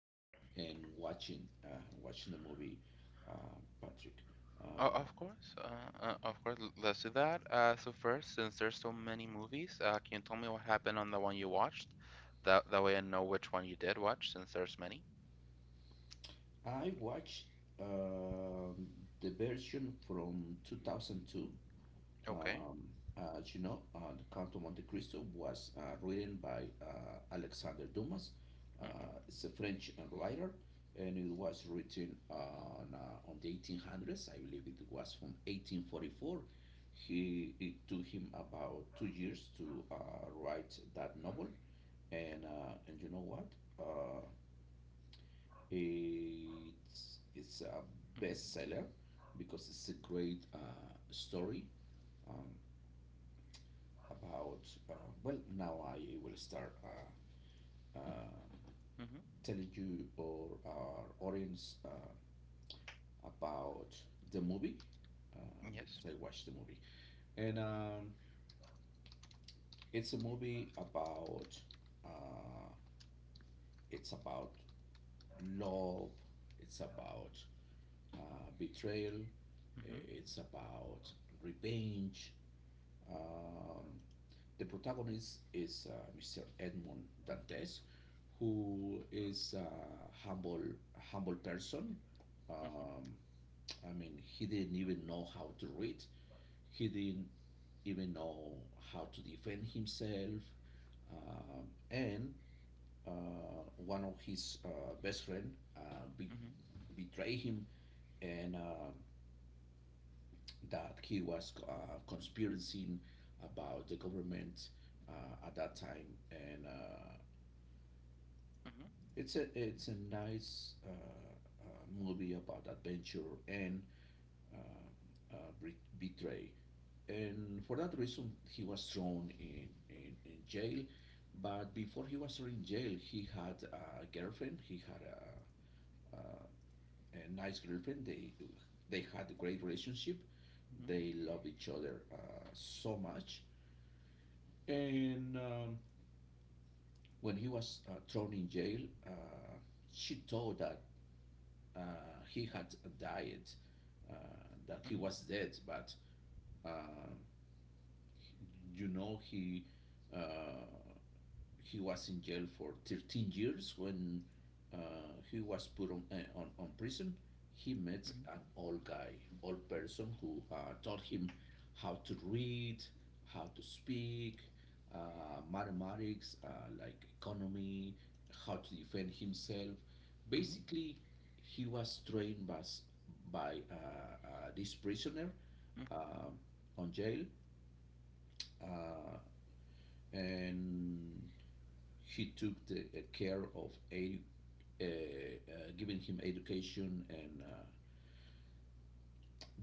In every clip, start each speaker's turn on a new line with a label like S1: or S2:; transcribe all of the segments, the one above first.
S1: reading and watching, watching the movie, uh, Patrick.
S2: O-
S1: Um,
S2: Of course, uh, uh, of course. Let's do that. So first, since there's so many movies, can you tell me what happened on the one you watched? That way I know which one you did watch, since there's many.
S1: I watched um the version from 2002.
S2: Okay.
S1: Um, as you know, The Count of Monte Cristo was written by Alexander Dumas. Uh,
S2: Mhm.
S1: it's a French writer, and it was written on the 1800s. I believe it was from 1844. It took him about 2 years to write that novel, and and you know what? Uh, it's a
S2: Mhm.
S1: bestseller because it's a great story. Um, about, uh, well, now I will start uh,
S2: Mhm.
S1: telling you or our audience about the movie, uh,
S2: Yes.
S1: because I watched the movie, and it's a movie about, uh, it's about love, it's about betrayal,
S2: Mhm.
S1: it's about revenge. Um, The protagonist is Mr. Edmond Dantes, who is a humble, humble person.
S2: Mhm.
S1: Um, I mean, he didn't even know how to read. He didn't even know how to defend himself. And one of his best friend
S2: Mhm. Mhm.
S1: betrayed him, and that he was conspiring about the government at that time, and it's a nice movie about adventure and uh, uh, betray, and for that reason he was thrown in jail. But before he was thrown in jail, he had a girlfriend. He had a, a, a nice girlfriend. They had a great relationship.
S2: Mhm.
S1: They loved each other so much. And when he was thrown in jail, uh, she thought that he had died, uh, that he
S2: Mhm.
S1: was dead, but uh, you know, uh, he was in jail for 13 years. When uh, he was put on, on prison, he met
S2: Mhm.
S1: an old guy, old person who taught him how to read, how to speak, mathematics, like economy, how to defend himself.
S2: Mhm.
S1: Basically, he was trained by this prisoner
S2: Mhm.
S1: um on jail, uh, and he took the care of giving him education, and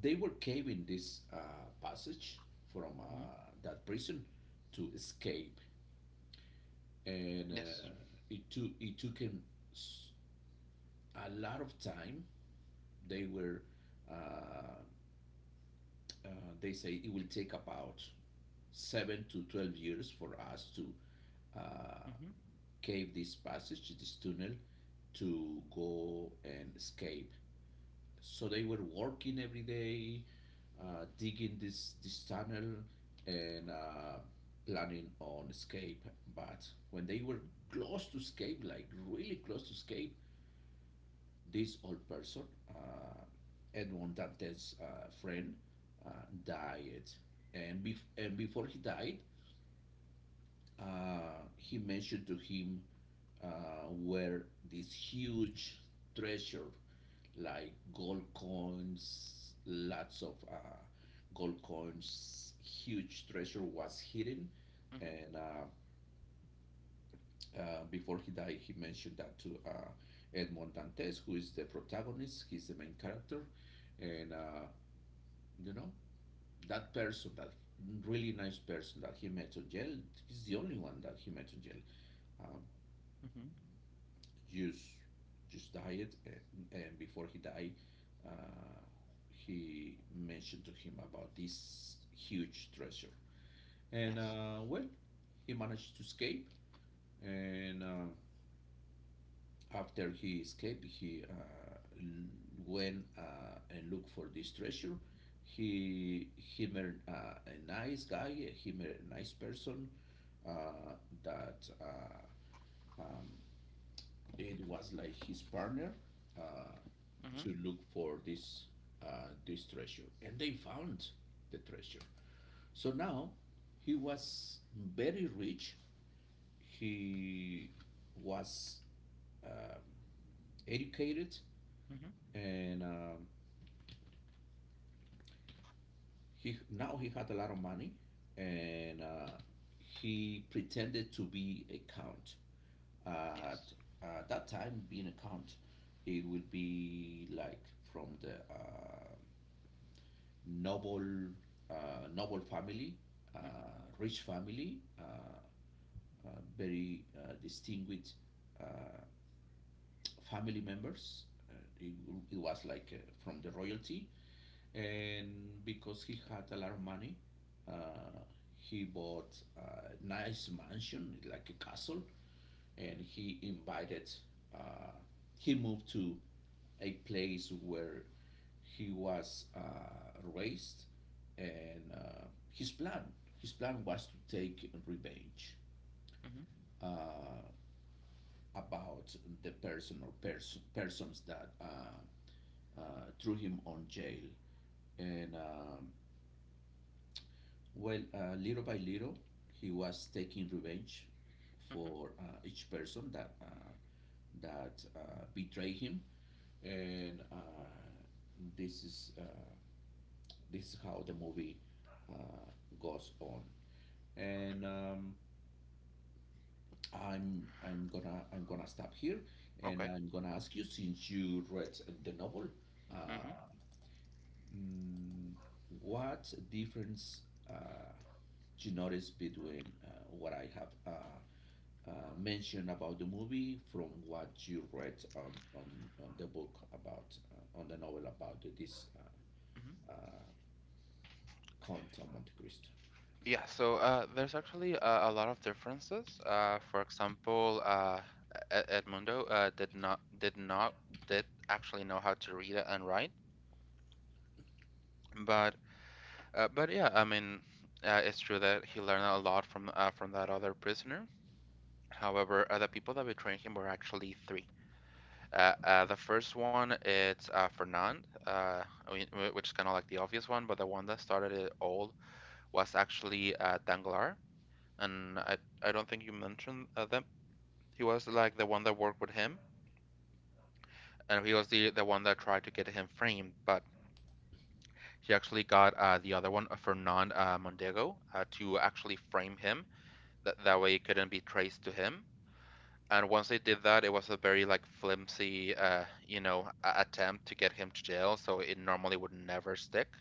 S1: they were caving this passage from,
S2: Mhm.
S1: that prison, to escape. And
S2: Yes.
S1: it took him s- a lot of time. They were uh, uh, they say it will take about seven to 12 years for us to uh,
S2: Mhm.
S1: cave this passage, this tunnel, to go and escape. So they were working every day, digging this tunnel and planning on escape. But when they were
S2: Mhm.
S1: close to escape, like really close to escape, this old person, uh, Edmond Dante's friend, uh, died. And before he died, he mentioned to him where this huge treasure, like gold coins, lots of gold coins, huge treasure was hidden.
S2: Mhm.
S1: And before he died, he mentioned that to Edmond Dantes, who is the protagonist. He's the main character, and you know, that person, that really nice person that he met on jail. He's the only one that he met on jail. Um,
S2: Mhm.
S1: just, just died, and before he died, uh, he mentioned to him about this huge treasure. And
S2: Yes.
S1: well, he managed to escape, and after he escaped, he went and looked for this treasure. He met a nice guy. He met a nice person uh, that
S2: Mhm.
S1: it was like his partner uh,
S2: Mhm.
S1: to look for this, this treasure, and they found the treasure. So now he was very rich. He was um educated,
S2: Mhm.
S1: and He now he had a lot of money, and he pretended to be a count. At
S2: Yes.
S1: that time, being a count, it would be like from the noble, noble family,
S2: Mhm.
S1: uh, rich family, uh, very distinguished uh, family members. It, it was like from the royalty, and because he had a lot of money, uh, he bought a nice mansion, like a castle, and he invited. Uh, he moved to a place where he was raised, and his plan his plan was to take revenge
S2: Mhm.
S1: uh, about the person or persons that threw him on jail, and well, little by little, he was taking revenge
S2: Mhm.
S1: for each person that betrayed him, and this is uh, this is how the movie uh, goes on. And um, I'm gonna stop here, and
S2: Okay.
S1: I'm gonna ask you, since you read the novel,
S2: Mhm.
S1: uh, mm, what difference uh, you notice between what I have uh, mention about the movie from what you read on the book about, on the novel about this
S2: Mhm.
S1: uh, Count of Monte Cristo.
S2: Yeah, so there's actually a lot of differences. For example, Ed- Edmundo did not did not did actually know how to read and write, but yeah, I mean, it's true that he learned a lot from that other prisoner. However, the people that betrayed him were actually three. The first one it's Fernand, I mean, which is kind of like the obvious one, but the one that started it all was actually Danglars, and I don't think you mentioned them. He was like the one that worked with him, and he was the one that tried to get him framed, but he actually got the other one, Fernand Mondego, to actually frame him. That way it couldn't be traced to him. And once they did that, it was a very like flimsy, you know, attempt to get him to jail. So it normally would never stick.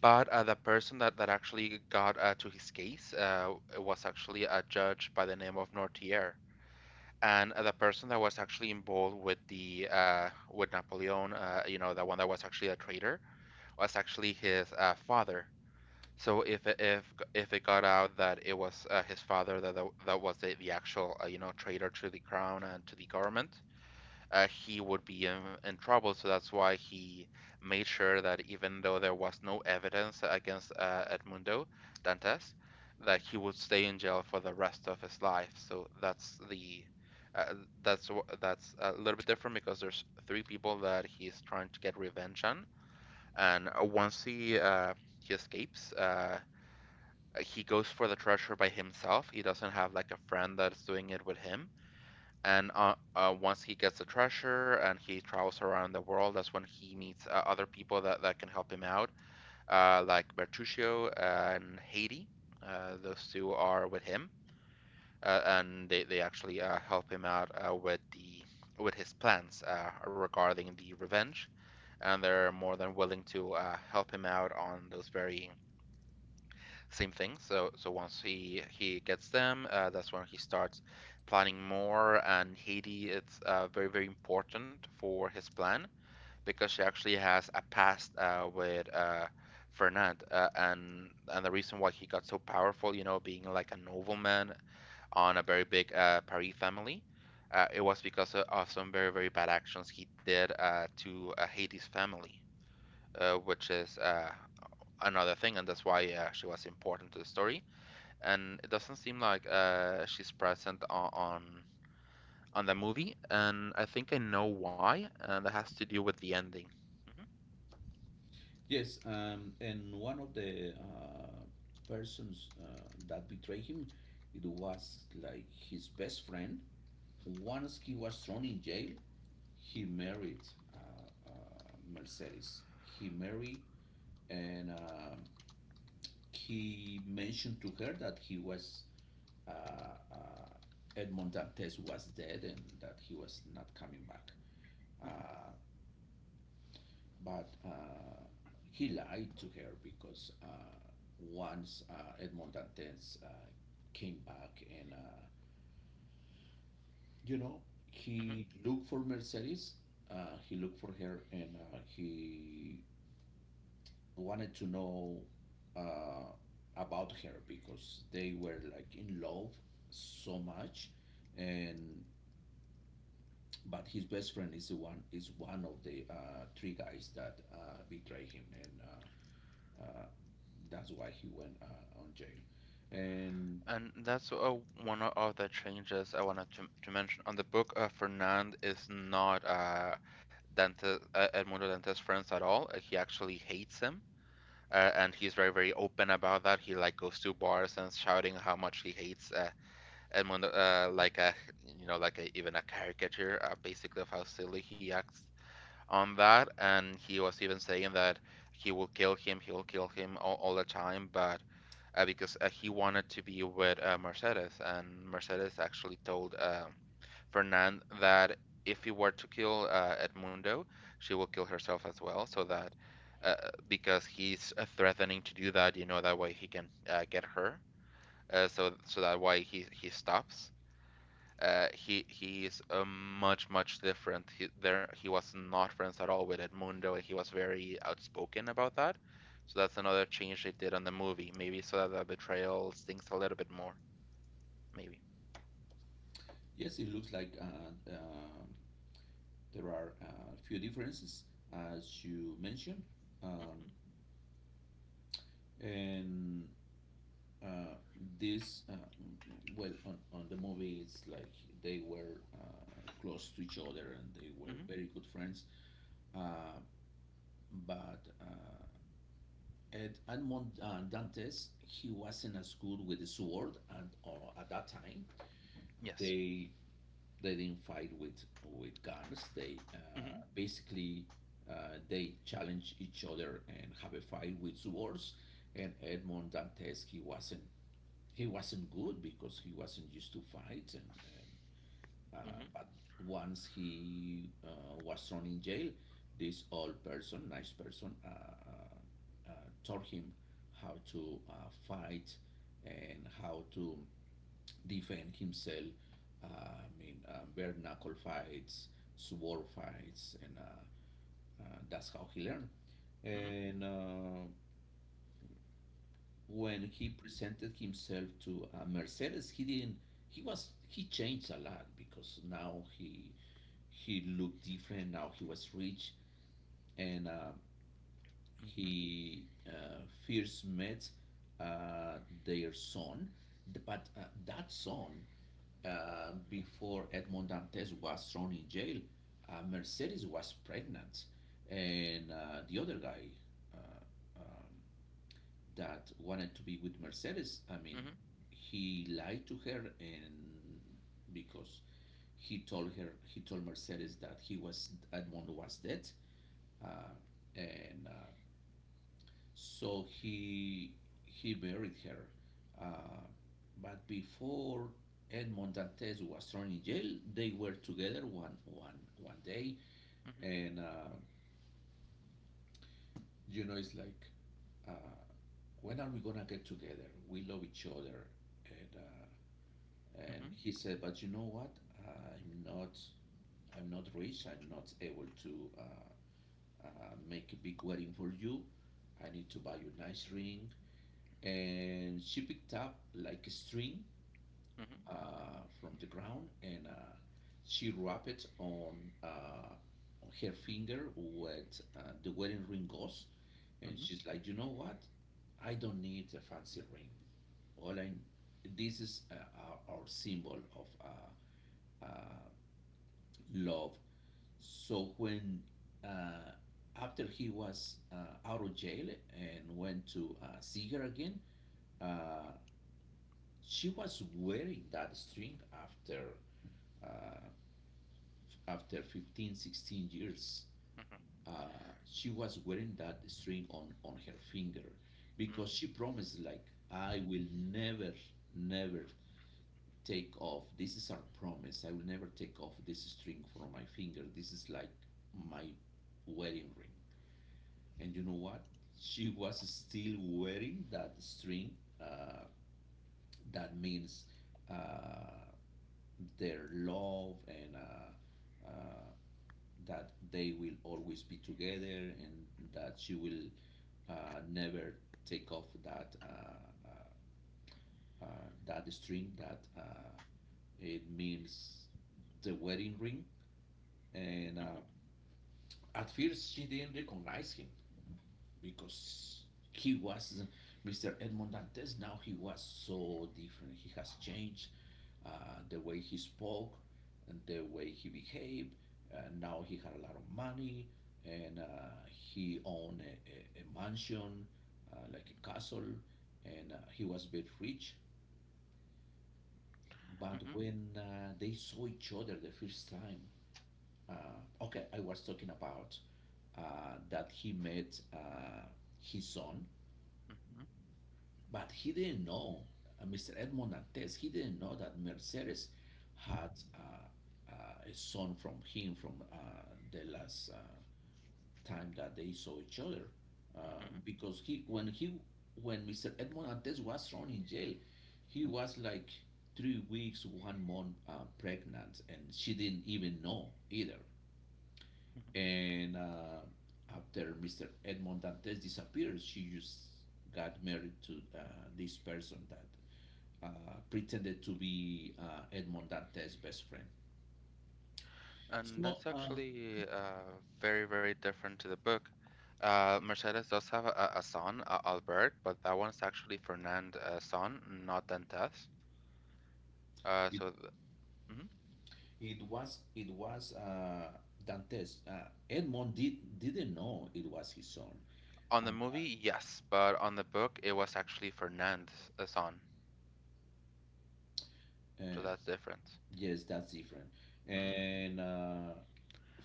S2: But the person that, that actually got to his case was actually a judge by the name of Nortier. And the person that was actually involved with the with Napoleon, you know, the one that was actually a traitor, was actually his father. So if it got out that it was his father that that was the actual you know, traitor to the crown and to the government, he would be in trouble. So that's why he made sure that even though there was no evidence against Edmundo Dantes, that he would stay in jail for the rest of his life. So that's the uh, that's that's a little bit different because there's three people that he's trying to get revenge on, and once he escapes, he goes for the treasure by himself. He doesn't have like a friend that's doing it with him. And once he gets the treasure and he travels around the world, that's when he meets other people that, that can help him out, like Bertuccio and Haiti. Those two are with him, and they actually help him out with the with his plans regarding the revenge, and they're more than willing to help him out on those very same thing. So once he gets them, that's when he starts planning more. And Haiti, it's very very important for his plan because she actually has a past with Fernand, and the reason why he got so powerful, you know, being like a nobleman on a very big Paris family. It was because of some very, very bad actions he did to Haiti's family, which is another thing, and that's why she was important to the story, and it doesn't seem like she's present on the movie, and I think I know why, and that has to do with the ending. Hmm.
S1: Yes, and one of the persons that betrayed him, it was like his best friend. Once he was thrown in jail, he married Mercedes. He married, and he mentioned to her that he was uh, uh, Edmond Dantes was dead and that he was not coming back.
S2: Hmm.
S1: Uh, but he lied to her because once Edmond Dantes came back, you know,
S2: Hmm.
S1: he looked for Mercedes, he looked for her, and he wanted to know uh, about her because they were like in love so much. And but his best friend is the one, is one of the three guys that betray him, and uh, that's why he went on jail. And
S2: And that's one of the changes I wanted to mention. On the book, Fernand is not Edmundo Dante's friends at all. He actually hates him, and he's very, very open about that. He like goes to bars and shouting how much he hates Edmundo, like a you know, like a, even a caricature, basically of how silly he acts on that. And he was even saying that he will kill him, he will kill him all the time, but because he wanted to be with Mercedes, and Mercedes actually told Fernand that if he were to kill Edmundo, she will kill herself as well, so that uh, because he's threatening to do that, you know, that way he can get her. So that why he stops. He is much much different. He there he was not friends at all with Edmundo, and he was very outspoken about that. So that's another change they did on the movie, maybe so that the betrayal stings a little bit more, maybe.
S1: yes, it looks like there are a few differences, as you mentioned, um,
S2: Mm-hmm.
S1: and uh, this well, on the movie it's like they were close to each other and they were
S2: Mm-hmm.
S1: very good friends, uh, but at Edmond Dantes, he was in a school with a sword, and at that time
S2: Yes.
S1: they they didn't fight with guns. They
S2: Mm-hmm.
S1: basically they challenge each other and have a fight with swords. And Edmond Dantes, he wasn't good because he wasn't used to fight, and uh,
S2: Mm-hmm.
S1: but once he was thrown in jail, this old person, nice person, taught him how to fight and how to defend himself. I mean, bare knuckle fights, sword fights, and that's how he learned.
S2: Mm-hmm.
S1: And when he presented himself to Mercedes, he didn't. He was he changed a lot because now he looked different. Now he was rich, and
S2: Mm-hmm.
S1: he first met uh, their son, but that son. Before Edmond Dantes was thrown in jail, Mercedes was pregnant, and the other guy, uh, that wanted to be with Mercedes, I mean,
S2: Mm-hmm.
S1: he lied to her, and because he told Mercedes that he was, Edmond was dead, uh, and so he buried her. Uh, but before Edmond Dantes was thrown in jail, they were together one day,
S2: Mm-hmm. Mm-hmm.
S1: and you know it's like, uh, when are we gonna get together? We love each other, and uh, and
S2: Mm-hmm.
S1: he said, but you know what, i'm not I'm not rich, I'm not able to make a big wedding for you, I need to buy you a nice ring. And she picked up like a string
S2: Mm-hmm.
S1: from the ground, and she wrapped it on, uh, on her finger where the wedding ring goes, and
S2: Mm-hmm.
S1: she's like, you know what, I don't need a fancy ring. All I This is our symbol of uh, love. So when uh, after he was out of jail and went to see her again, uh, she was wearing that string after uh, 15, 16 years. She was wearing that string on her finger because she promised, like, I will never, never take off, this is our promise, I will never take off this string from my finger, this is like my wedding ring. And you know what? She was still wearing that string. That means uh, their love and that they will always be together and that she will never take off that that string, that it means the wedding ring. And at first, she didn't recognize him, because he was Mr. Edmond Dantes. Now he was so different. He has changed the way he spoke and the way he behaved. Now he had a lot of money, and he owned a mansion, like a castle, and he was very rich. But when they saw each other the first time, okay, I was talking about that he met his son.
S2: Mm-hmm.
S1: But he didn't know, Mr. Edmond Nantes, he didn't know that Mercedes had a son from him from the last time that they saw each other.
S2: Mm-hmm.
S1: Because when Mr. Edmond Nantes was thrown in jail, he was like 3 weeks, 1 month pregnant, and she didn't even know either.
S2: Mm-hmm.
S1: And after Mr. Edmond Dantes disappeared, she just got married to this person that uh, pretended to be Edmond Dantes' best friend.
S2: And
S1: So
S2: that's actually very, very different to the book. Mercedes does have a son, Albert, but that one's actually Fernand's son, not Dantes.
S1: it,
S2: So th mhm.
S1: it was Dantes. Edmond didn't know it was his son.
S2: On
S1: Uh,
S2: the movie, yes, but on the book, it was actually Fernand's son.
S1: uh,
S2: So that's different.
S1: yes, that's different.
S2: Hmm.
S1: And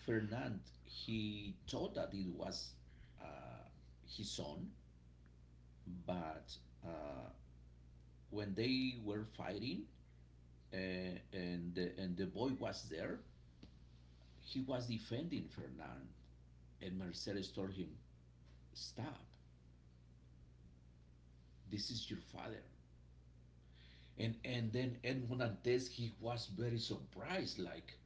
S1: Fernand, he thought that it was uh, his son, but uh, when they were fighting, uh, and the boy was there, he was defending Fernand. And Mercedes told him, "Stop, this is your father." And then Edmond Antes, he was very surprised. Like,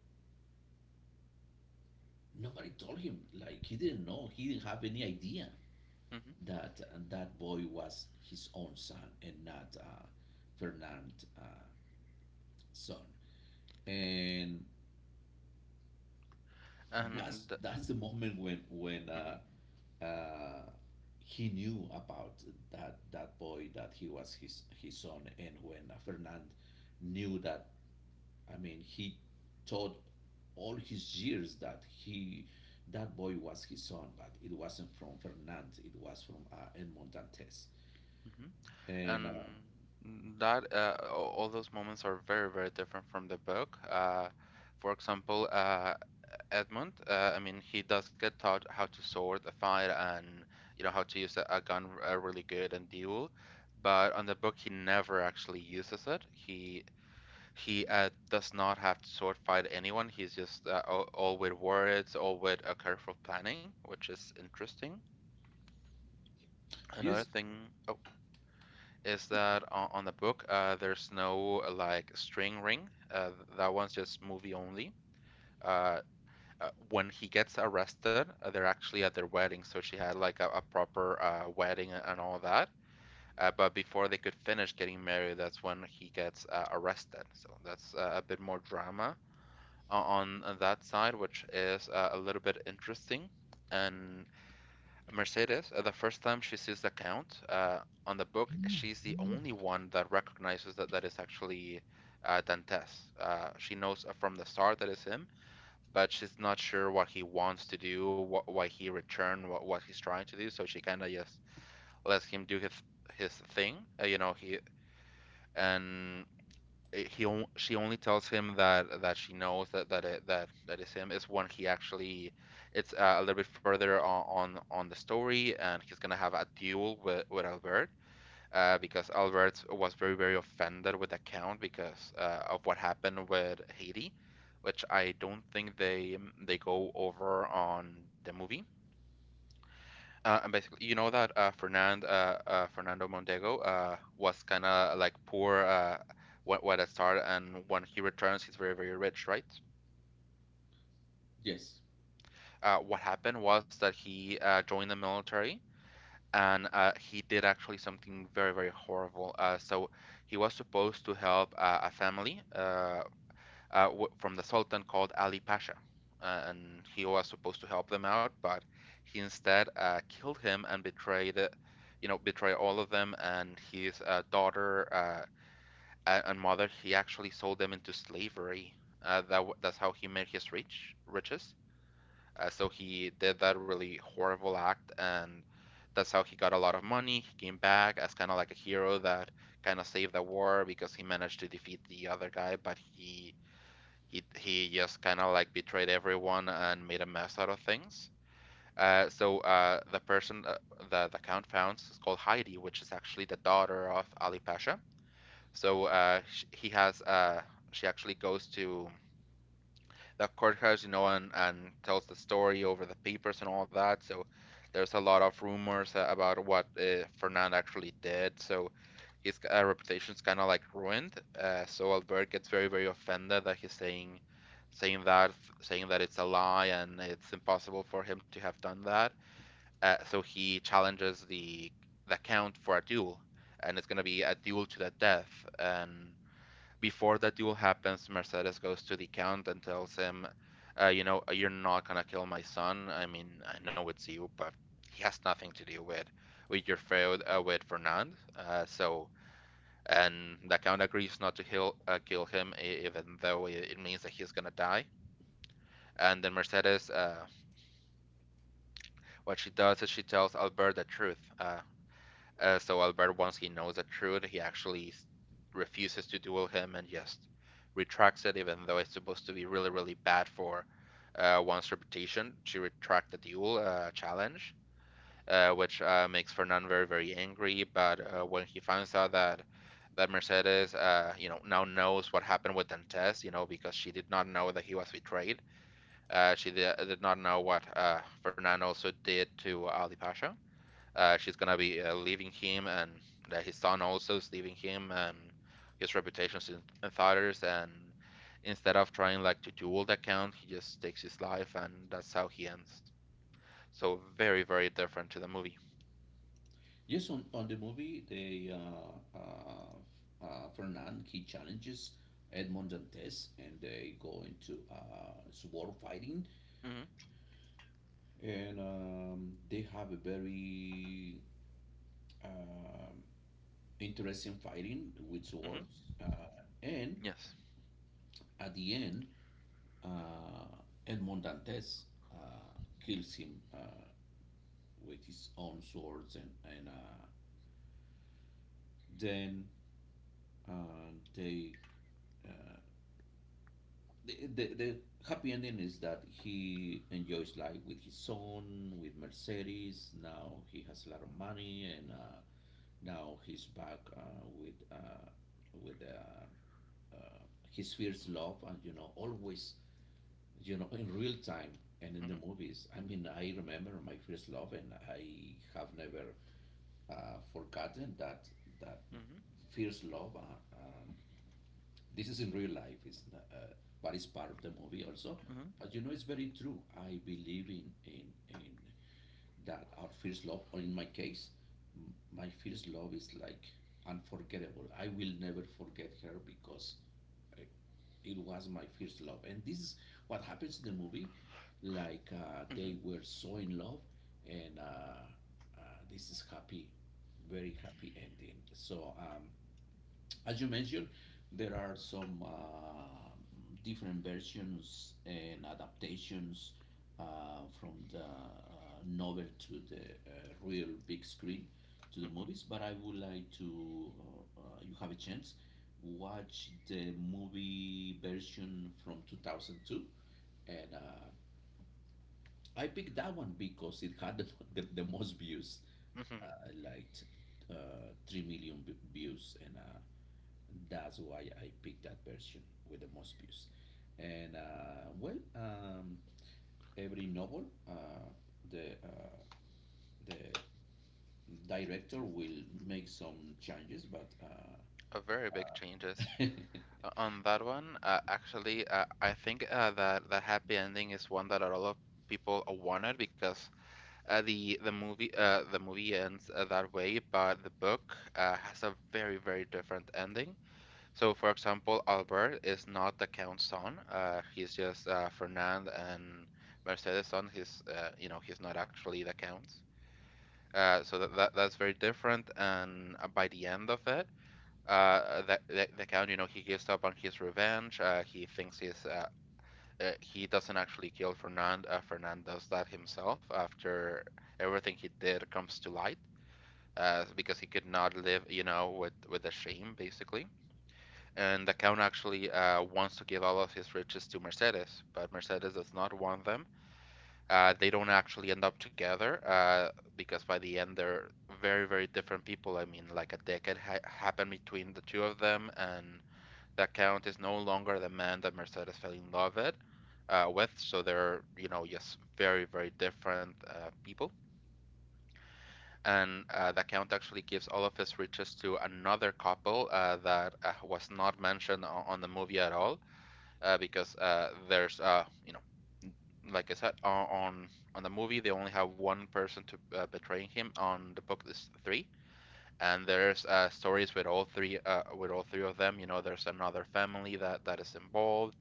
S1: nobody told him, like, he didn't know, he didn't have any idea
S2: Hmm.
S1: that that boy was his own son and not Fernand's son. And
S2: And
S1: that's
S2: th
S1: that's the moment when when
S2: hmm
S1: uh, uh, he knew about that, that boy, that he was his son. And when Fernand knew that, I mean, he taught all his years that he, that boy was his son, but it wasn't from Fernand. It was from Edmond Dantes.
S2: hmm.
S1: And
S2: And that all those moments are very, very different from the book. For example, Edmund. I mean, he does get taught how to sword a fight and you know how to use a gun really good and duel, but on the book he never actually uses it. He does not have to sword fight anyone. He's just all with words, all with a careful planning, which is interesting. Another
S1: yes,
S2: thing, oh, is that on the book there's no like string ring. That one's just movie only. Uh, when he gets arrested, they're actually at their wedding, so she had like a proper wedding and all that. But before they could finish getting married, that's when he gets arrested. So that's a bit more drama on that side, which is a little bit interesting. And Mercedes, the first time she sees the count on the book, she's the only one that recognizes that that is actually Dantes. She knows from the start that is him, but she's not sure what he wants to do, what why he returned, what he's trying to do. So she kind of just lets him do his thing. You know, he and he she only tells him that that she knows that that it, that that is him is when he actually it's a little bit further on the story and he's gonna have a duel with Albert because Albert was very, very offended with the count because of what happened with Haiti, which I don't think they mm, they go over on the movie. And basically, you know that Fernando Mondego was kind of like poor when it started, and when he returns, he's very, very rich, right?
S1: yes,
S2: What happened was that he joined the military and he did actually something very, very horrible. So he was supposed to help a family w from the Sultan called Ali Pasha, and he was supposed to help them out, but he instead killed him and betrayed, you know, betrayed all of them and his daughter and mother. He actually sold them into slavery. That's how he made his rich riches. So he did that really horrible act, and that's how he got a lot of money. He came back as kind of like a hero that kind of saved the war because he managed to defeat the other guy, but he just kind of like betrayed everyone and made a mess out of things. So the count founds is called Heidi, which is actually the daughter of Ali Pasha. He has she actually goes to the courthouse, you know, and tells the story over the papers and all that. So there's a lot of rumors about what Fernand actually did. So his reputation's kind of like ruined. So Albert gets very, very offended that he's saying saying that saying that it's a lie and it's impossible for him to have done that. So he challenges the count for a duel, and it's gonna be a duel to the death. And before that duel happens, Mercedes goes to the count and tells him, you know, you're not gonna kill my son. I mean, I know it's you, but he has nothing to do with your feud with Fernand. And the count agrees not to kill kill him, even though it means that he's gonna die. And then Mercedes, what she does is she tells Albert the truth. So Albert, once he knows the truth, he refuses to duel him and just retracts it, even though it's supposed to be really, really bad for one's reputation to retract the duel challenge, which makes Fernand very, very angry. But when he finds out that Mercedes now knows what happened with Dantes, because she did not know that he was betrayed. She did not know what Fernand also did to Ali Pasha, she's gonna be leaving him, and that his son also is leaving him, and his reputation's in tatters. And instead of trying like to duel the count, he just takes his life, and that's how he ends. So very, very different to the movie.
S1: yes. On the movie, the Fernand, he challenges Edmond Dantes, and they go into sword fighting,
S2: Mm-hmm.
S1: and they have a very um interesting fighting with
S2: Mm-hmm.
S1: swords. And
S2: Yes.
S1: at the end, Uh, Edmond Dantes uh, kills him with his own swords, and then, they, uh, the, the happy ending is that he enjoys life with his son, with Mercedes. Now he has a lot of money, and now he's back with with uh, uh, his first love. And you know, always, you know, in real time and in the
S2: Mm-hmm.
S1: movies. I mean, I remember my first love, and I have never forgotten that
S2: Mm-hmm.
S1: first love. This is in real life. But it's part of the movie also.
S2: Mm-hmm.
S1: But you know, it's very true. I believe in that our first love, or in my case, my first love is like unforgettable. I will never forget her because I, it was my first love. And this is what happens in the movie. Like,
S2: Mm-hmm.
S1: they were so in love, and uh, this is happy, very happy ending. So, as you mentioned, there are some different versions and adaptations from the novel to the real big screen to the
S2: Mm-hmm.
S1: movies. But I would like to, you have a chance, watch the movie version from 2002. And I picked that one because it had the, the most views.
S2: Mm-hmm.
S1: I liked 3 million views, and that's why I picked that version with the most views. And well, every novel, the the director will make some changes, but
S2: A very big changes. On that one, actually, I think that the happy ending is one that a lot of people wanted because the movie the movie ends that way, but the book has a very very different ending. So, for example, Albert is not the count's son. He's just Fernand and Mercedes' son. He's he's not actually the count. So that's very different. And by the end of it, the count, you know, he gives up on his revenge. He thinks he's he doesn't actually kill Fernand. Fernand does that himself after everything he did comes to light, because he could not live, you know, with the shame basically. And the count actually wants to give all of his riches to Mercedes, but Mercedes does not want them. They don't actually end up together because by the end they're very very different people. I mean, like a decade happened between the two of them, and the Count is no longer the man that Mercedes fell in love with, so they're, you know, just very, very different people. And the Count actually gives all of his riches to another couple that was not mentioned on the movie at all, because, there's, you know, like I said, on the movie they only have one person to betraying him. On the book, there's three, and there's stories with all three of them. You know, there's another family that is involved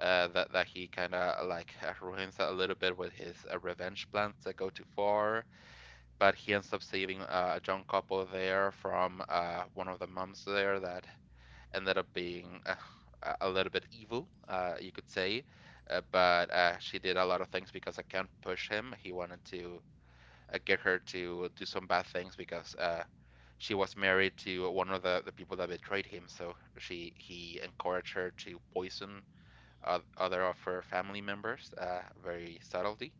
S2: that he kind of like ruins a little bit with his revenge plans that go too far. But he ends up saving a young couple there from one of the moms there that ended up being a little bit evil, you could say. But she did a lot of things because I can't push him. He wanted to get her to do some bad things because she was married to one of the people that betrayed him. So she he encouraged her to poison other of her family members very subtly.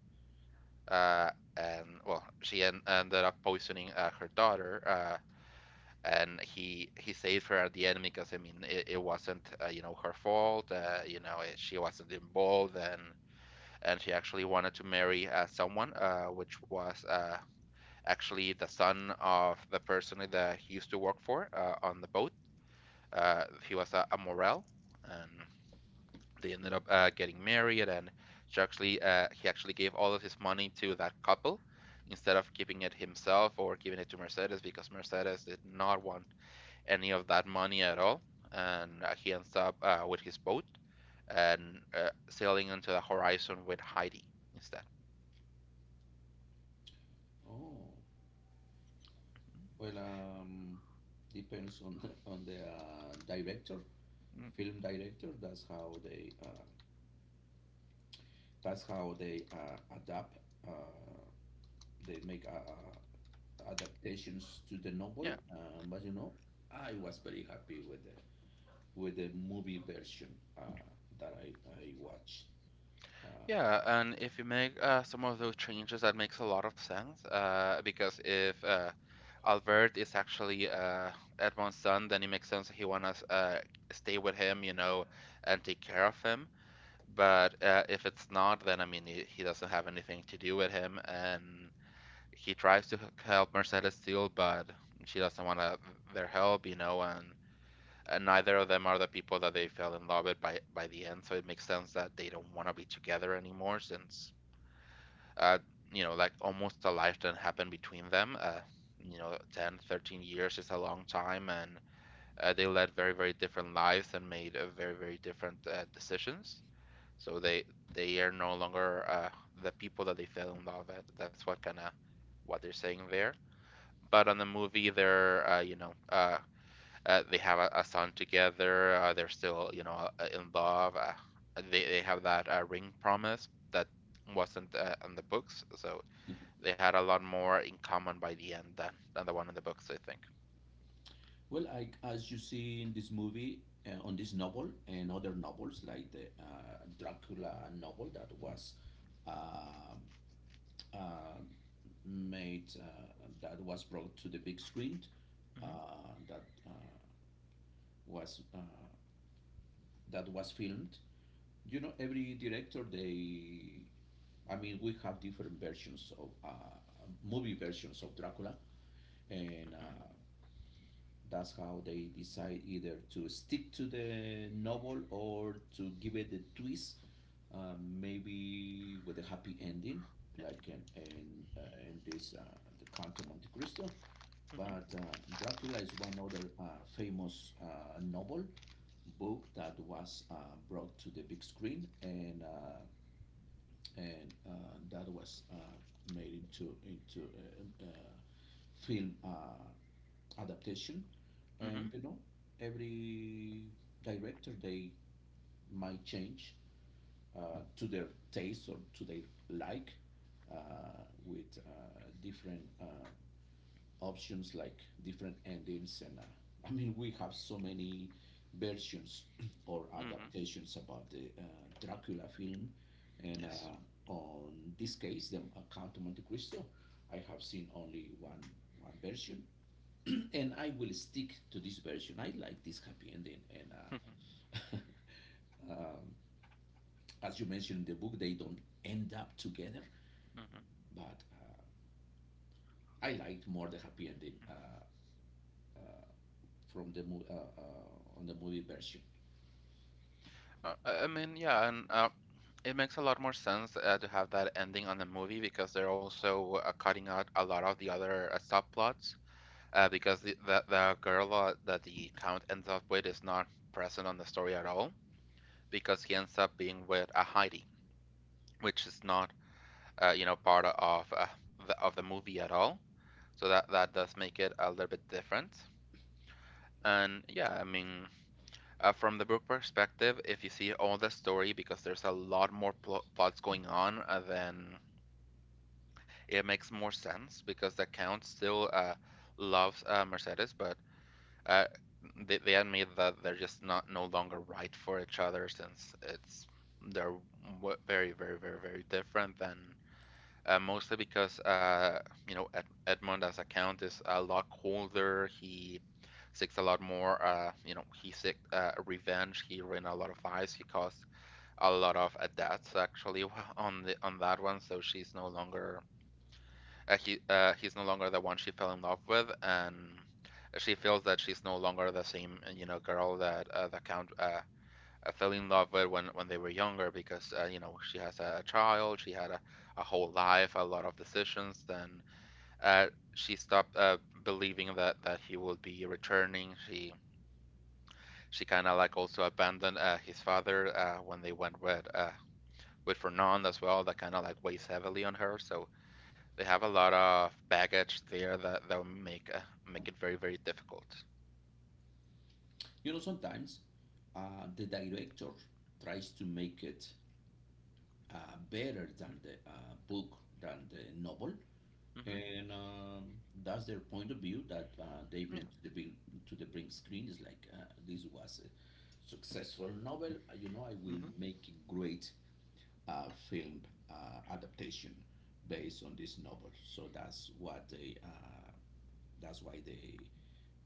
S2: Uh, and well, she ended up poisoning her daughter. And he saved her at the end because I mean it wasn't her fault. She wasn't involved, and she actually wanted to marry someone, which was actually the son of the person that he used to work for on the boat. He was a Morel, and they ended up getting married, and she actually he actually gave all of his money to that couple instead of keeping it himself or giving it to Mercedes because Mercedes did not want any of that money at all. And he ends up with his boat and sailing into the horizon with Heidi instead.
S1: oh, well, depends on the director,
S2: Mm.
S1: film director. That's how they adapt. Uh, they make uh, adaptations to the novel.
S2: Yeah,
S1: But you know, I was very happy with the movie version uh, that I watched. Um,
S2: yeah, and if you make some of those changes, that makes a lot of sense. Because if Albert is actually Edmond's son, then it makes sense he wanna stay with him, you know, and take care of him. But if it's not, then I mean, he doesn't have anything to do with him, and he tries to help Mercedes still, but she doesn't want to, their help, you know, and neither of them are the people that they fell in love with by the end. So it makes sense that they don't want to be together anymore since uh, you know, like almost a lifetime happened between them. You know, 10, 13 years is a long time, and they led very, very different lives and made very, very different decisions. So they are no longer the people that they fell in love with. That's what kind of what they're saying there. But on the movie, they're they have a son together. They're still, you know, in love. They have that ring promise that wasn't in the books. So they had a lot more in common by the end than the one in the books, I think.
S1: well, I, as you see in this movie, on this novel and other novels like the Dracula novel that was uh, uh, made, that was brought to the big screen,
S2: Mm-hmm.
S1: that was that was filmed. You know, every director, they, I mean, we have different versions of movie versions of Dracula, and
S2: Mm-hmm.
S1: that's how they decide either to stick to the novel or to give it a twist, maybe with a happy ending,
S2: Yeah.
S1: like in in this the Count of Monte Cristo. But
S2: Mm-hmm.
S1: Dracula is one other famous novel book that was brought to the big screen, and that was made into a film adaptation. And
S2: Mm-hmm.
S1: you know, every director, they might change to their taste or to their like, with different options like different endings. And I mean, we have so many versions or
S2: Mm-hmm.
S1: adaptations about the Dracula film, and
S2: Yes.
S1: on this case, the Count of Monte Cristo, I have seen only one, one version. And I will stick to this version. I like this happy ending. And
S2: Mm-hmm.
S1: uh, as you mentioned, in the book they don't end up together, but I liked more the happy ending,
S2: Mm-hmm.
S1: uh, on the movie version.
S2: I mean, yeah, and it makes a lot more sense to have that ending on the movie because they're also cutting out a lot of the other subplots. Because the girl that the count ends up with is not present on the story at all because he ends up being with a Heidi, which is not part of of the movie at all. So that does make it a little bit different. And yeah, I mean, from the book perspective, if you see all the story, because there's a lot more plots going on, then it makes more sense because the Count still loves Mercedes, but uh, they admit that they're just not no longer right for each other since it's they're very, very, very, very different than mostly because you know Ed Edmund as a count is a lot colder. He seeks a lot more. You know, he seek revenge. He ran a lot of eyes. He caused a lot of deaths actually on the on that one. So she's no longer he he's no longer the one she fell in love with, and she feels that she's no longer the same, you know, girl that the count I fell in love with when they were younger because you know she has a child, she had a whole life, a lot of decisions, and uh, she stopped believing that he would be returning. She kind of like also abandoned his father when they went with Fernand as well. That kind of like weighs heavily on her. So they have a lot of baggage there that will make make it very very difficult.
S1: You know, sometimes the director tries to make it better than the book, than the novel,
S2: Hmm.
S1: and that's their point of view that they
S2: Yeah.
S1: bring to the big screen. Is like, this was a successful novel. You know, I will
S2: Hmm.
S1: make a great film adaptation based on this novel. So that's what they. That's why they,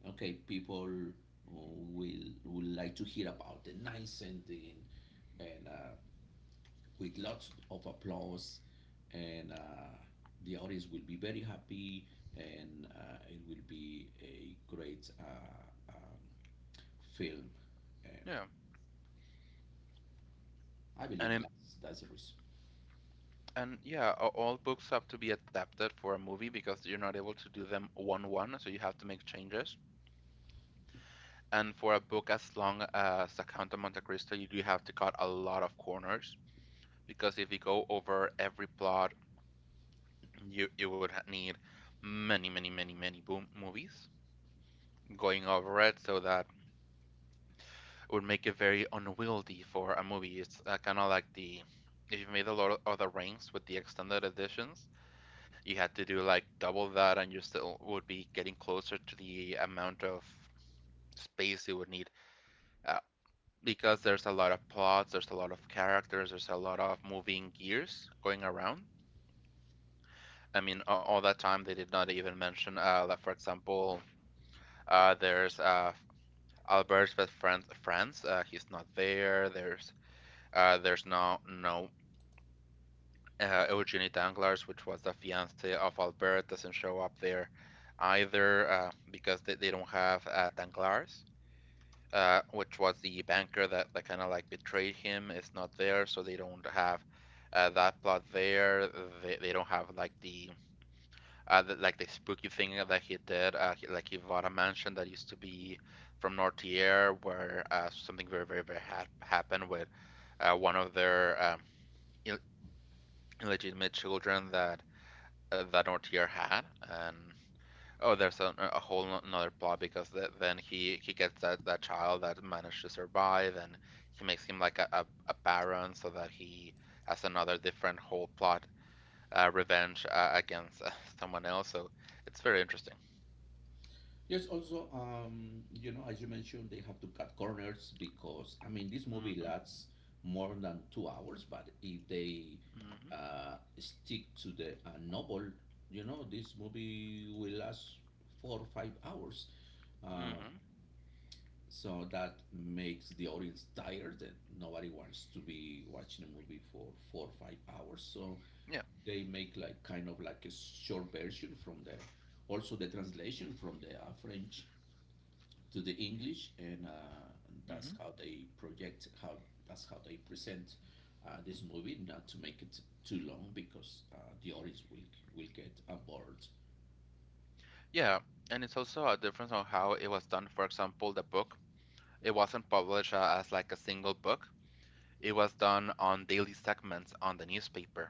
S1: okay, people will would like to hear about the nice ending, and with lots of applause, and the audience will be very happy, and it will be a great film. And
S2: Yeah.
S1: I
S2: And
S1: believe
S2: in,
S1: that's the reason.
S2: And yeah, all books have to be adapted for a movie because you're not able to do them one-one, so you have to make changes. And for a book as long as The Count of Monte Cristo, you do have to cut a lot of corners because if you go over every plot, you would need many, many, many, many boom movies going over it, so that it would make it very unwieldy for a movie. It's kind of like the, if you made a lot of the Rings with the extended editions, you had to do like double that and you still would be getting closer to the amount of space you would need uh, because there's a lot of plots, there's a lot of characters, there's a lot of moving gears going around. I mean all that time they did not even mention that, for example, there's Albert's best friend France, he's not there. There's no no Eugenie Danglars, which was the fiance of Albert, doesn't show up there either because they don't have Danglars, which was the banker that, kind of like betrayed him, is not there, so they don't have that plot there. They don't have like the like the spooky thing that he did. He like he bought a mansion that used to be from Nortier, where something very had happened with one of their Ill- illegitimate children that Nortier had, and oh, there's a whole another plot because th then he gets that child that managed to survive, and he makes him like a baron so that he has another different whole plot revenge against someone else. So it's very interesting.
S1: Yes, also, you know, as you mentioned, they have to cut corners because, I mean, this movie
S2: Mm-hmm.
S1: lasts more than 2 hours, but if they
S2: Mm-hmm.
S1: stick to the novel, you know, this movie will last 4 or 5 hours. Um,
S2: Mm-hmm.
S1: so that makes the audience tired, and nobody wants to be watching a movie for 4 or 5 hours. So
S2: Yeah.
S1: they make like kind of like a short version from the, also the translation from the French to the English, and
S2: Mm-hmm.
S1: that's how they project how, that's how they present this movie, not to make it too long because the audience will get on board.
S2: Yeah, and it's also a difference on how it was done. For example, the book it wasn't published as like a single book. It was done on daily segments on the newspaper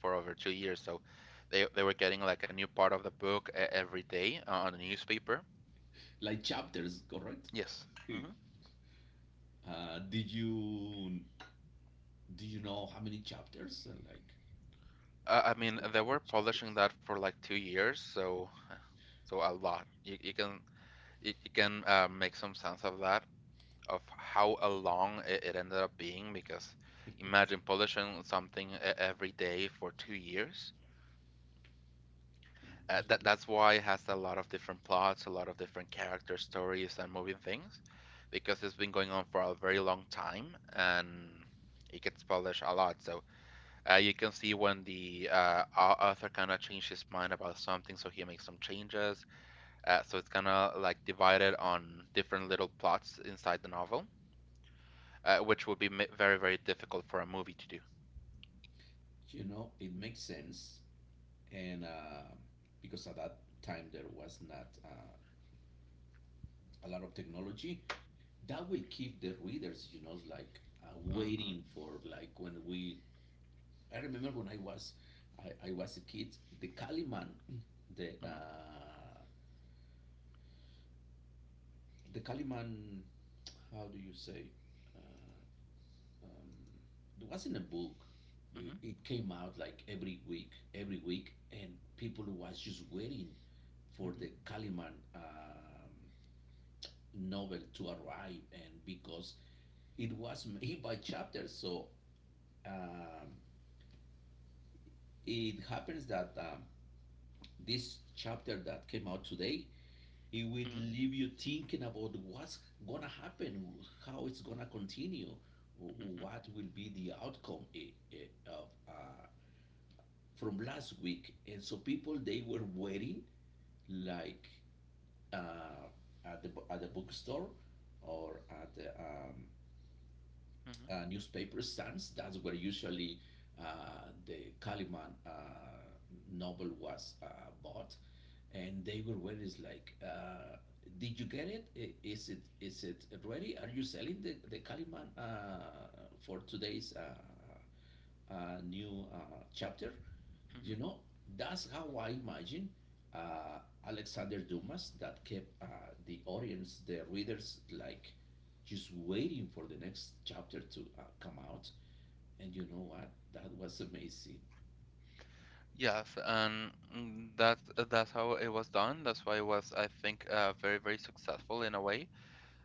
S2: for over 2 years. So they were getting like a new part of the book every day on the newspaper.
S1: Like chapters, correct?
S2: Yes.
S1: Did you, do you know how many chapters? Like
S2: I mean,
S1: two
S2: they were
S1: hundred
S2: publishing
S1: chapters.
S2: that for like 2 years, so so a lot. You can you, you can make some sense of that, of how long it ended up being, because imagine publishing something every day for 2 years.
S1: But you
S2: That
S1: know,
S2: that's why it has a lot of different plots, a lot of different character stories and moving things, because it's been going on for a very long time and it gets published a lot. So you can see when the author kind of changed his mind about something, so he makes some changes. So it's kind of like divided on different little plots inside the novel, which would be very very difficult for a movie to do.
S1: it makes sense, and because at that time there was not a lot of technology that will keep the readers, you know, like,
S2: hmm
S1: waiting for like when we. I remember when I was a kid. The
S2: hmm
S1: uh, the Kaliman, how do you say? Uh, um, it wasn't a book. It,
S2: hmm
S1: it came out like every week, and people was just waiting for the
S2: hmm
S1: Kaliman novel to arrive, and because it was made by chapters, so um, it happens that this chapter that came out today, it will
S2: hmm
S1: leave you thinking about what's gonna happen, how it's gonna continue,
S2: hmm
S1: what will be the outcome, of from last week. And so people, they were waiting like, uh, at the bookstore or at the
S2: hmm
S1: newspaper stands. That's where usually the Kalimann novel was bought, and they were always like, "Did you get it? Is it, is it ready? Are you selling the Kalimann for today's new chapter?" You
S2: hmm
S1: know, that's how I imagine uh, Alexander Dumas, that kept the audience, the readers, like just waiting for the next chapter to come out. And you know what? That was amazing.
S2: Yes, and that's how it was done. That's why it was, I think, very, very successful in a way,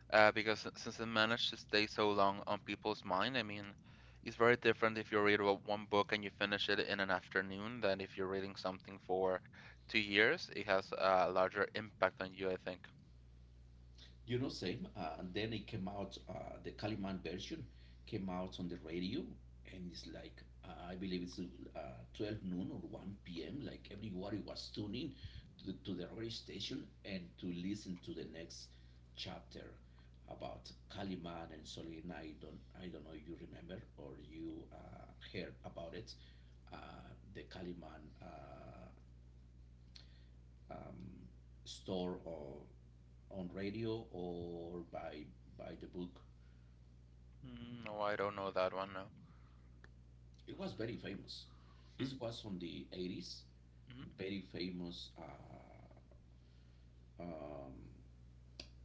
S2: because since it managed to stay so long on people's mind. I mean, it's very different if you read one book and you finish it in an afternoon than if you're reading something for 2 years. It has a larger impact on you, I think.
S1: You know, same. And then it came out, the Kaliman version came out on the radio, and it's like, I believe it's 12 noon or 1 p.m. Like everybody was tuning to the radio station and to listen to the next chapter about Kaliman and Solina. I don't know if you remember or you heard about it. Uh, the Kaliman uh, um, store or on radio or by the book.
S2: Mm. No, I don't know that one, no.
S1: It was very famous. This
S2: Hmm.
S1: was on the 80s. Very famous. Um,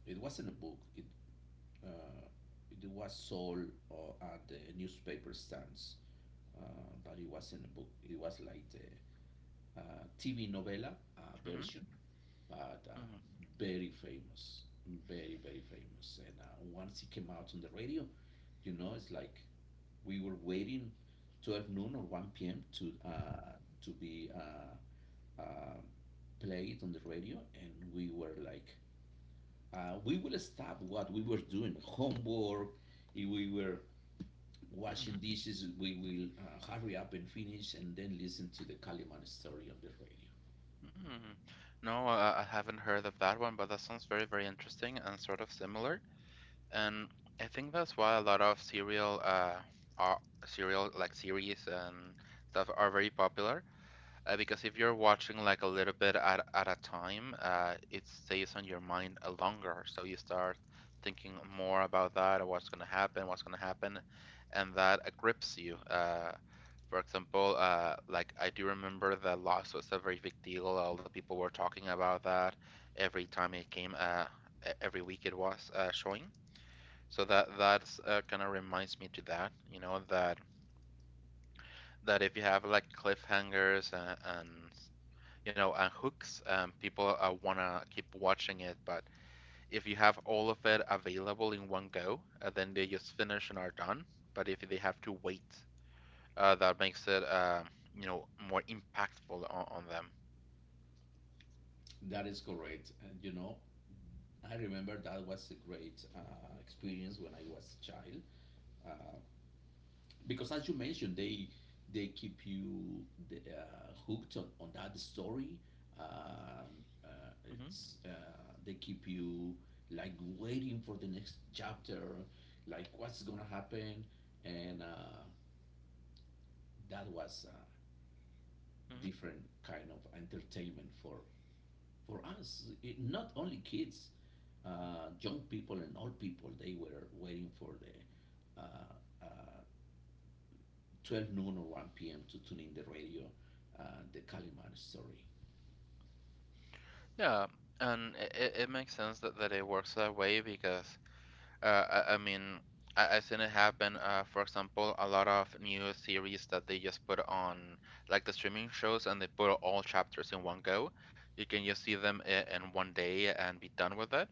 S1: it wasn't a book. It uh, it was sold at the newspaper stands, but it wasn't a book. It was like the TV novella
S2: Mm-hmm.
S1: version, but
S2: Mm-hmm. Mm-hmm.
S1: very famous, very very famous. And once it came out on the radio, you know, it's like we were waiting 12 noon or 1 p.m. To be uh, played on the radio, and we were like, we will stop what we were doing, homework. If we were washing
S2: Mm-hmm.
S1: dishes, we will hurry up and finish, and then listen to the Kaliman story on the radio.
S2: Mm-hmm. No, I haven't heard of that one, but that sounds very, very interesting and sort of similar. And I think that's why a lot of are serial like series and stuff are very popular. Because if you're watching like a little bit at a time, it stays on your mind longer. So you start thinking more about that, or what's gonna happen, and that grips you. For example, like I do remember the loss was a very big deal. All the people were talking about that every time it came. Every week it was showing. So that's kind of reminds me to that, you know, that if you have like cliffhangers and you know and hooks, people wanna keep watching it. But if you have all of it available in one go, then they just finish and are done. But if they have to wait, that makes it you know more impactful on them.
S1: That is correct. And you know, I remember that was a great experience when I was a child. Uh, because as you mentioned, they keep you hooked on that story um, uh,
S2: hmm
S1: it's They keep you like waiting for the next chapter, like what's gonna happen. And That was a different kind of entertainment for us, it, not only kids,
S2: hmm
S1: young people and old people, they were waiting for the uh, uh, 12 noon or 1 p.m. to tune in the radio, uh, the Calimán story.
S2: Yeah, and it makes sense that it works that way because I mean, I've seen it happen. For example, a lot of new series that they just put on, like the streaming shows, and they put all chapters in one go. You can just see them in one day and be done with it.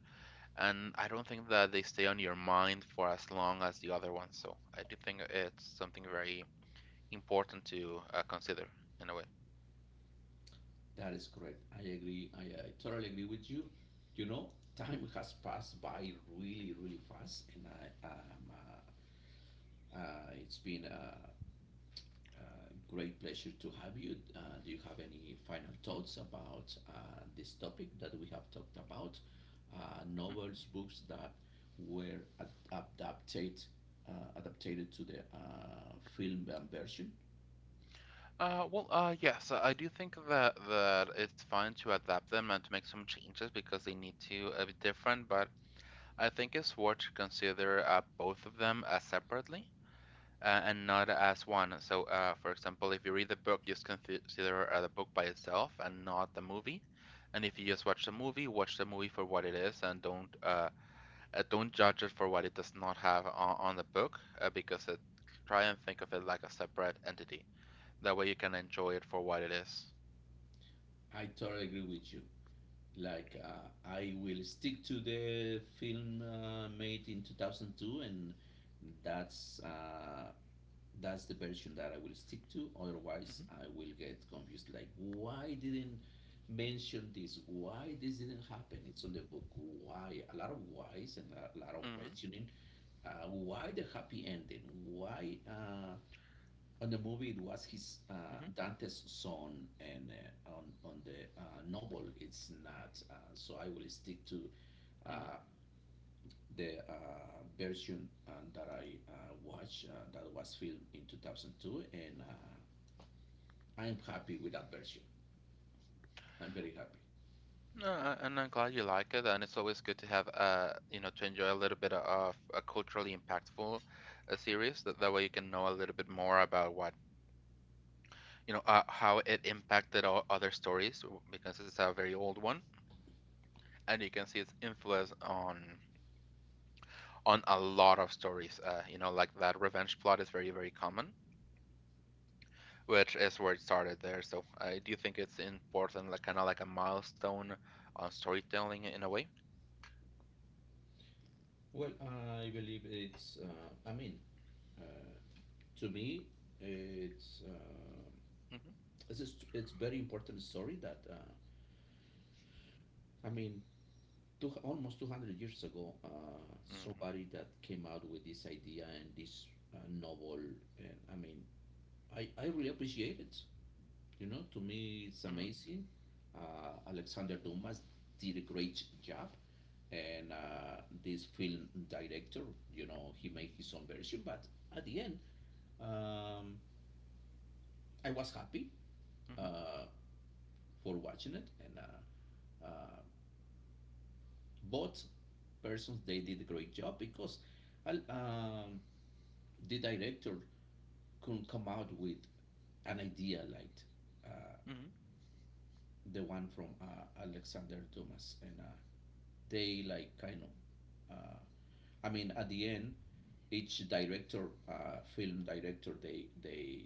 S2: And I don't think that they stay on your mind for as long as the other ones. So I do think it's something very important to consider in a way.
S1: That is correct. I agree. I totally agree with you. You know, time has passed by really, really fast, and it's been a great pleasure to have you. Do you have any final thoughts about this topic that we have talked about?
S2: Mm.
S1: Novels, books that were adapted to the film version.
S2: Well, yes, I do think that it's fine to adapt them and to make some changes because they need to be different. But I think it's worth to consider both of them separately and not as one. So, for example, if you read the book, just consider the book by itself and not the movie. And if you just watch the movie for what it is and don't judge it for what it does not have on the book because it, try and think of it like a separate entity. That way you can enjoy it for what it is.
S1: I totally agree with you. Like, I will stick to the film made in 2002, and that's uh, that's the version that I will stick to. Otherwise,
S2: Mm-hmm.
S1: I will get confused. Like, why didn't mention this? Why this didn't happen? It's on the book. Why? A lot of whys and a lot of
S2: Mm-hmm.
S1: questioning. Why the happy ending? Why? On the movie it was his
S2: Mm-hmm.
S1: Dante's son, and on the novel it's not. So I will stick to
S2: Mm-hmm.
S1: uh, the version that I watched, that was filmed in 2002, and I'm happy with that version. I'm very happy.
S2: No, and I'm glad you like it, and it's always good to have you know, to enjoy a little bit of a culturally impactful series. That way you can know a little bit more about what, you know, how it impacted all other stories because it's a very old one, and you can see its influence on a lot of stories. You know, like that revenge plot is very, very common, which is where it started there. So I do think it's important, like kind of like a milestone on storytelling in a way.
S1: Well, I believe it's. I mean, uh, to me, it's uh,
S2: hmm
S1: it's very important story that I mean two, almost 200 years ago,
S2: hmm
S1: somebody that came out with this idea and this novel, and I mean, I really appreciate it. You know, to me, it's
S2: hmm
S1: amazing. Alexander Dumas did a great job, and this film director, you know, he made his own version. But at the end, um, I was happy
S2: hmm
S1: uh, for watching it. And uh, Both persons, they did a great job. Al- Um, the director could come out with an idea like uh,
S2: hmm
S1: the one from Alexander Dumas, and they like kind of. Uh, I mean, at the end, each director, film director, they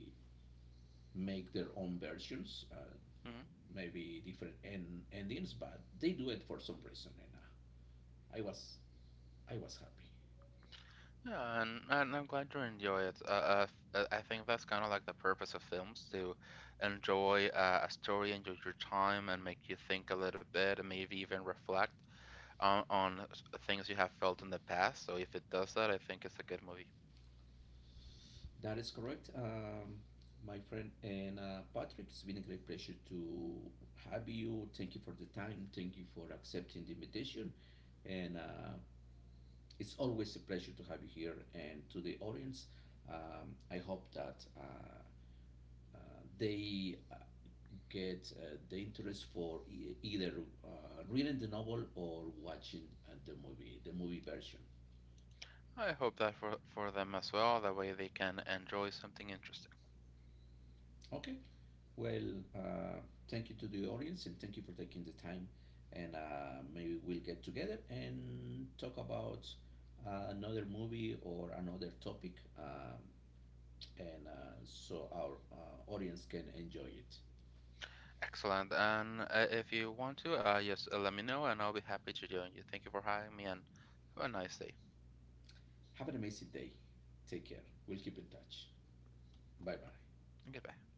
S1: make their own versions,
S2: Mhm.
S1: maybe different endings, but they do it for some reason. And I was I was happy.
S2: Yeah, and I'm glad you enjoy it. I think that's kind of like the purpose of films to enjoy a story, enjoy your time, and make you think a little bit, and maybe even reflect on things you have felt in the past. So if it does that, I think it's a good movie.
S1: That is correct, my friend. And Patrick, it's been a great pleasure to have you. Thank you for the time. Thank you for accepting the invitation. And it's always a pleasure to have you here. And to the audience, I hope that they get the interest for either reading the novel or watching the movie version.
S2: I hope that for them as well. That way they can enjoy something interesting.
S1: Okay. Well, thank you to the audience and thank you for taking the time. And maybe we'll get together and talk about another movie or another topic, um, and so our audience can enjoy it.
S2: Excellent. And if you want to, just let me know, and I'll be happy to join you. Thank you for having me, and have a nice day.
S1: Have an amazing day. Take care. We'll keep in touch. Bye bye.
S2: Goodbye.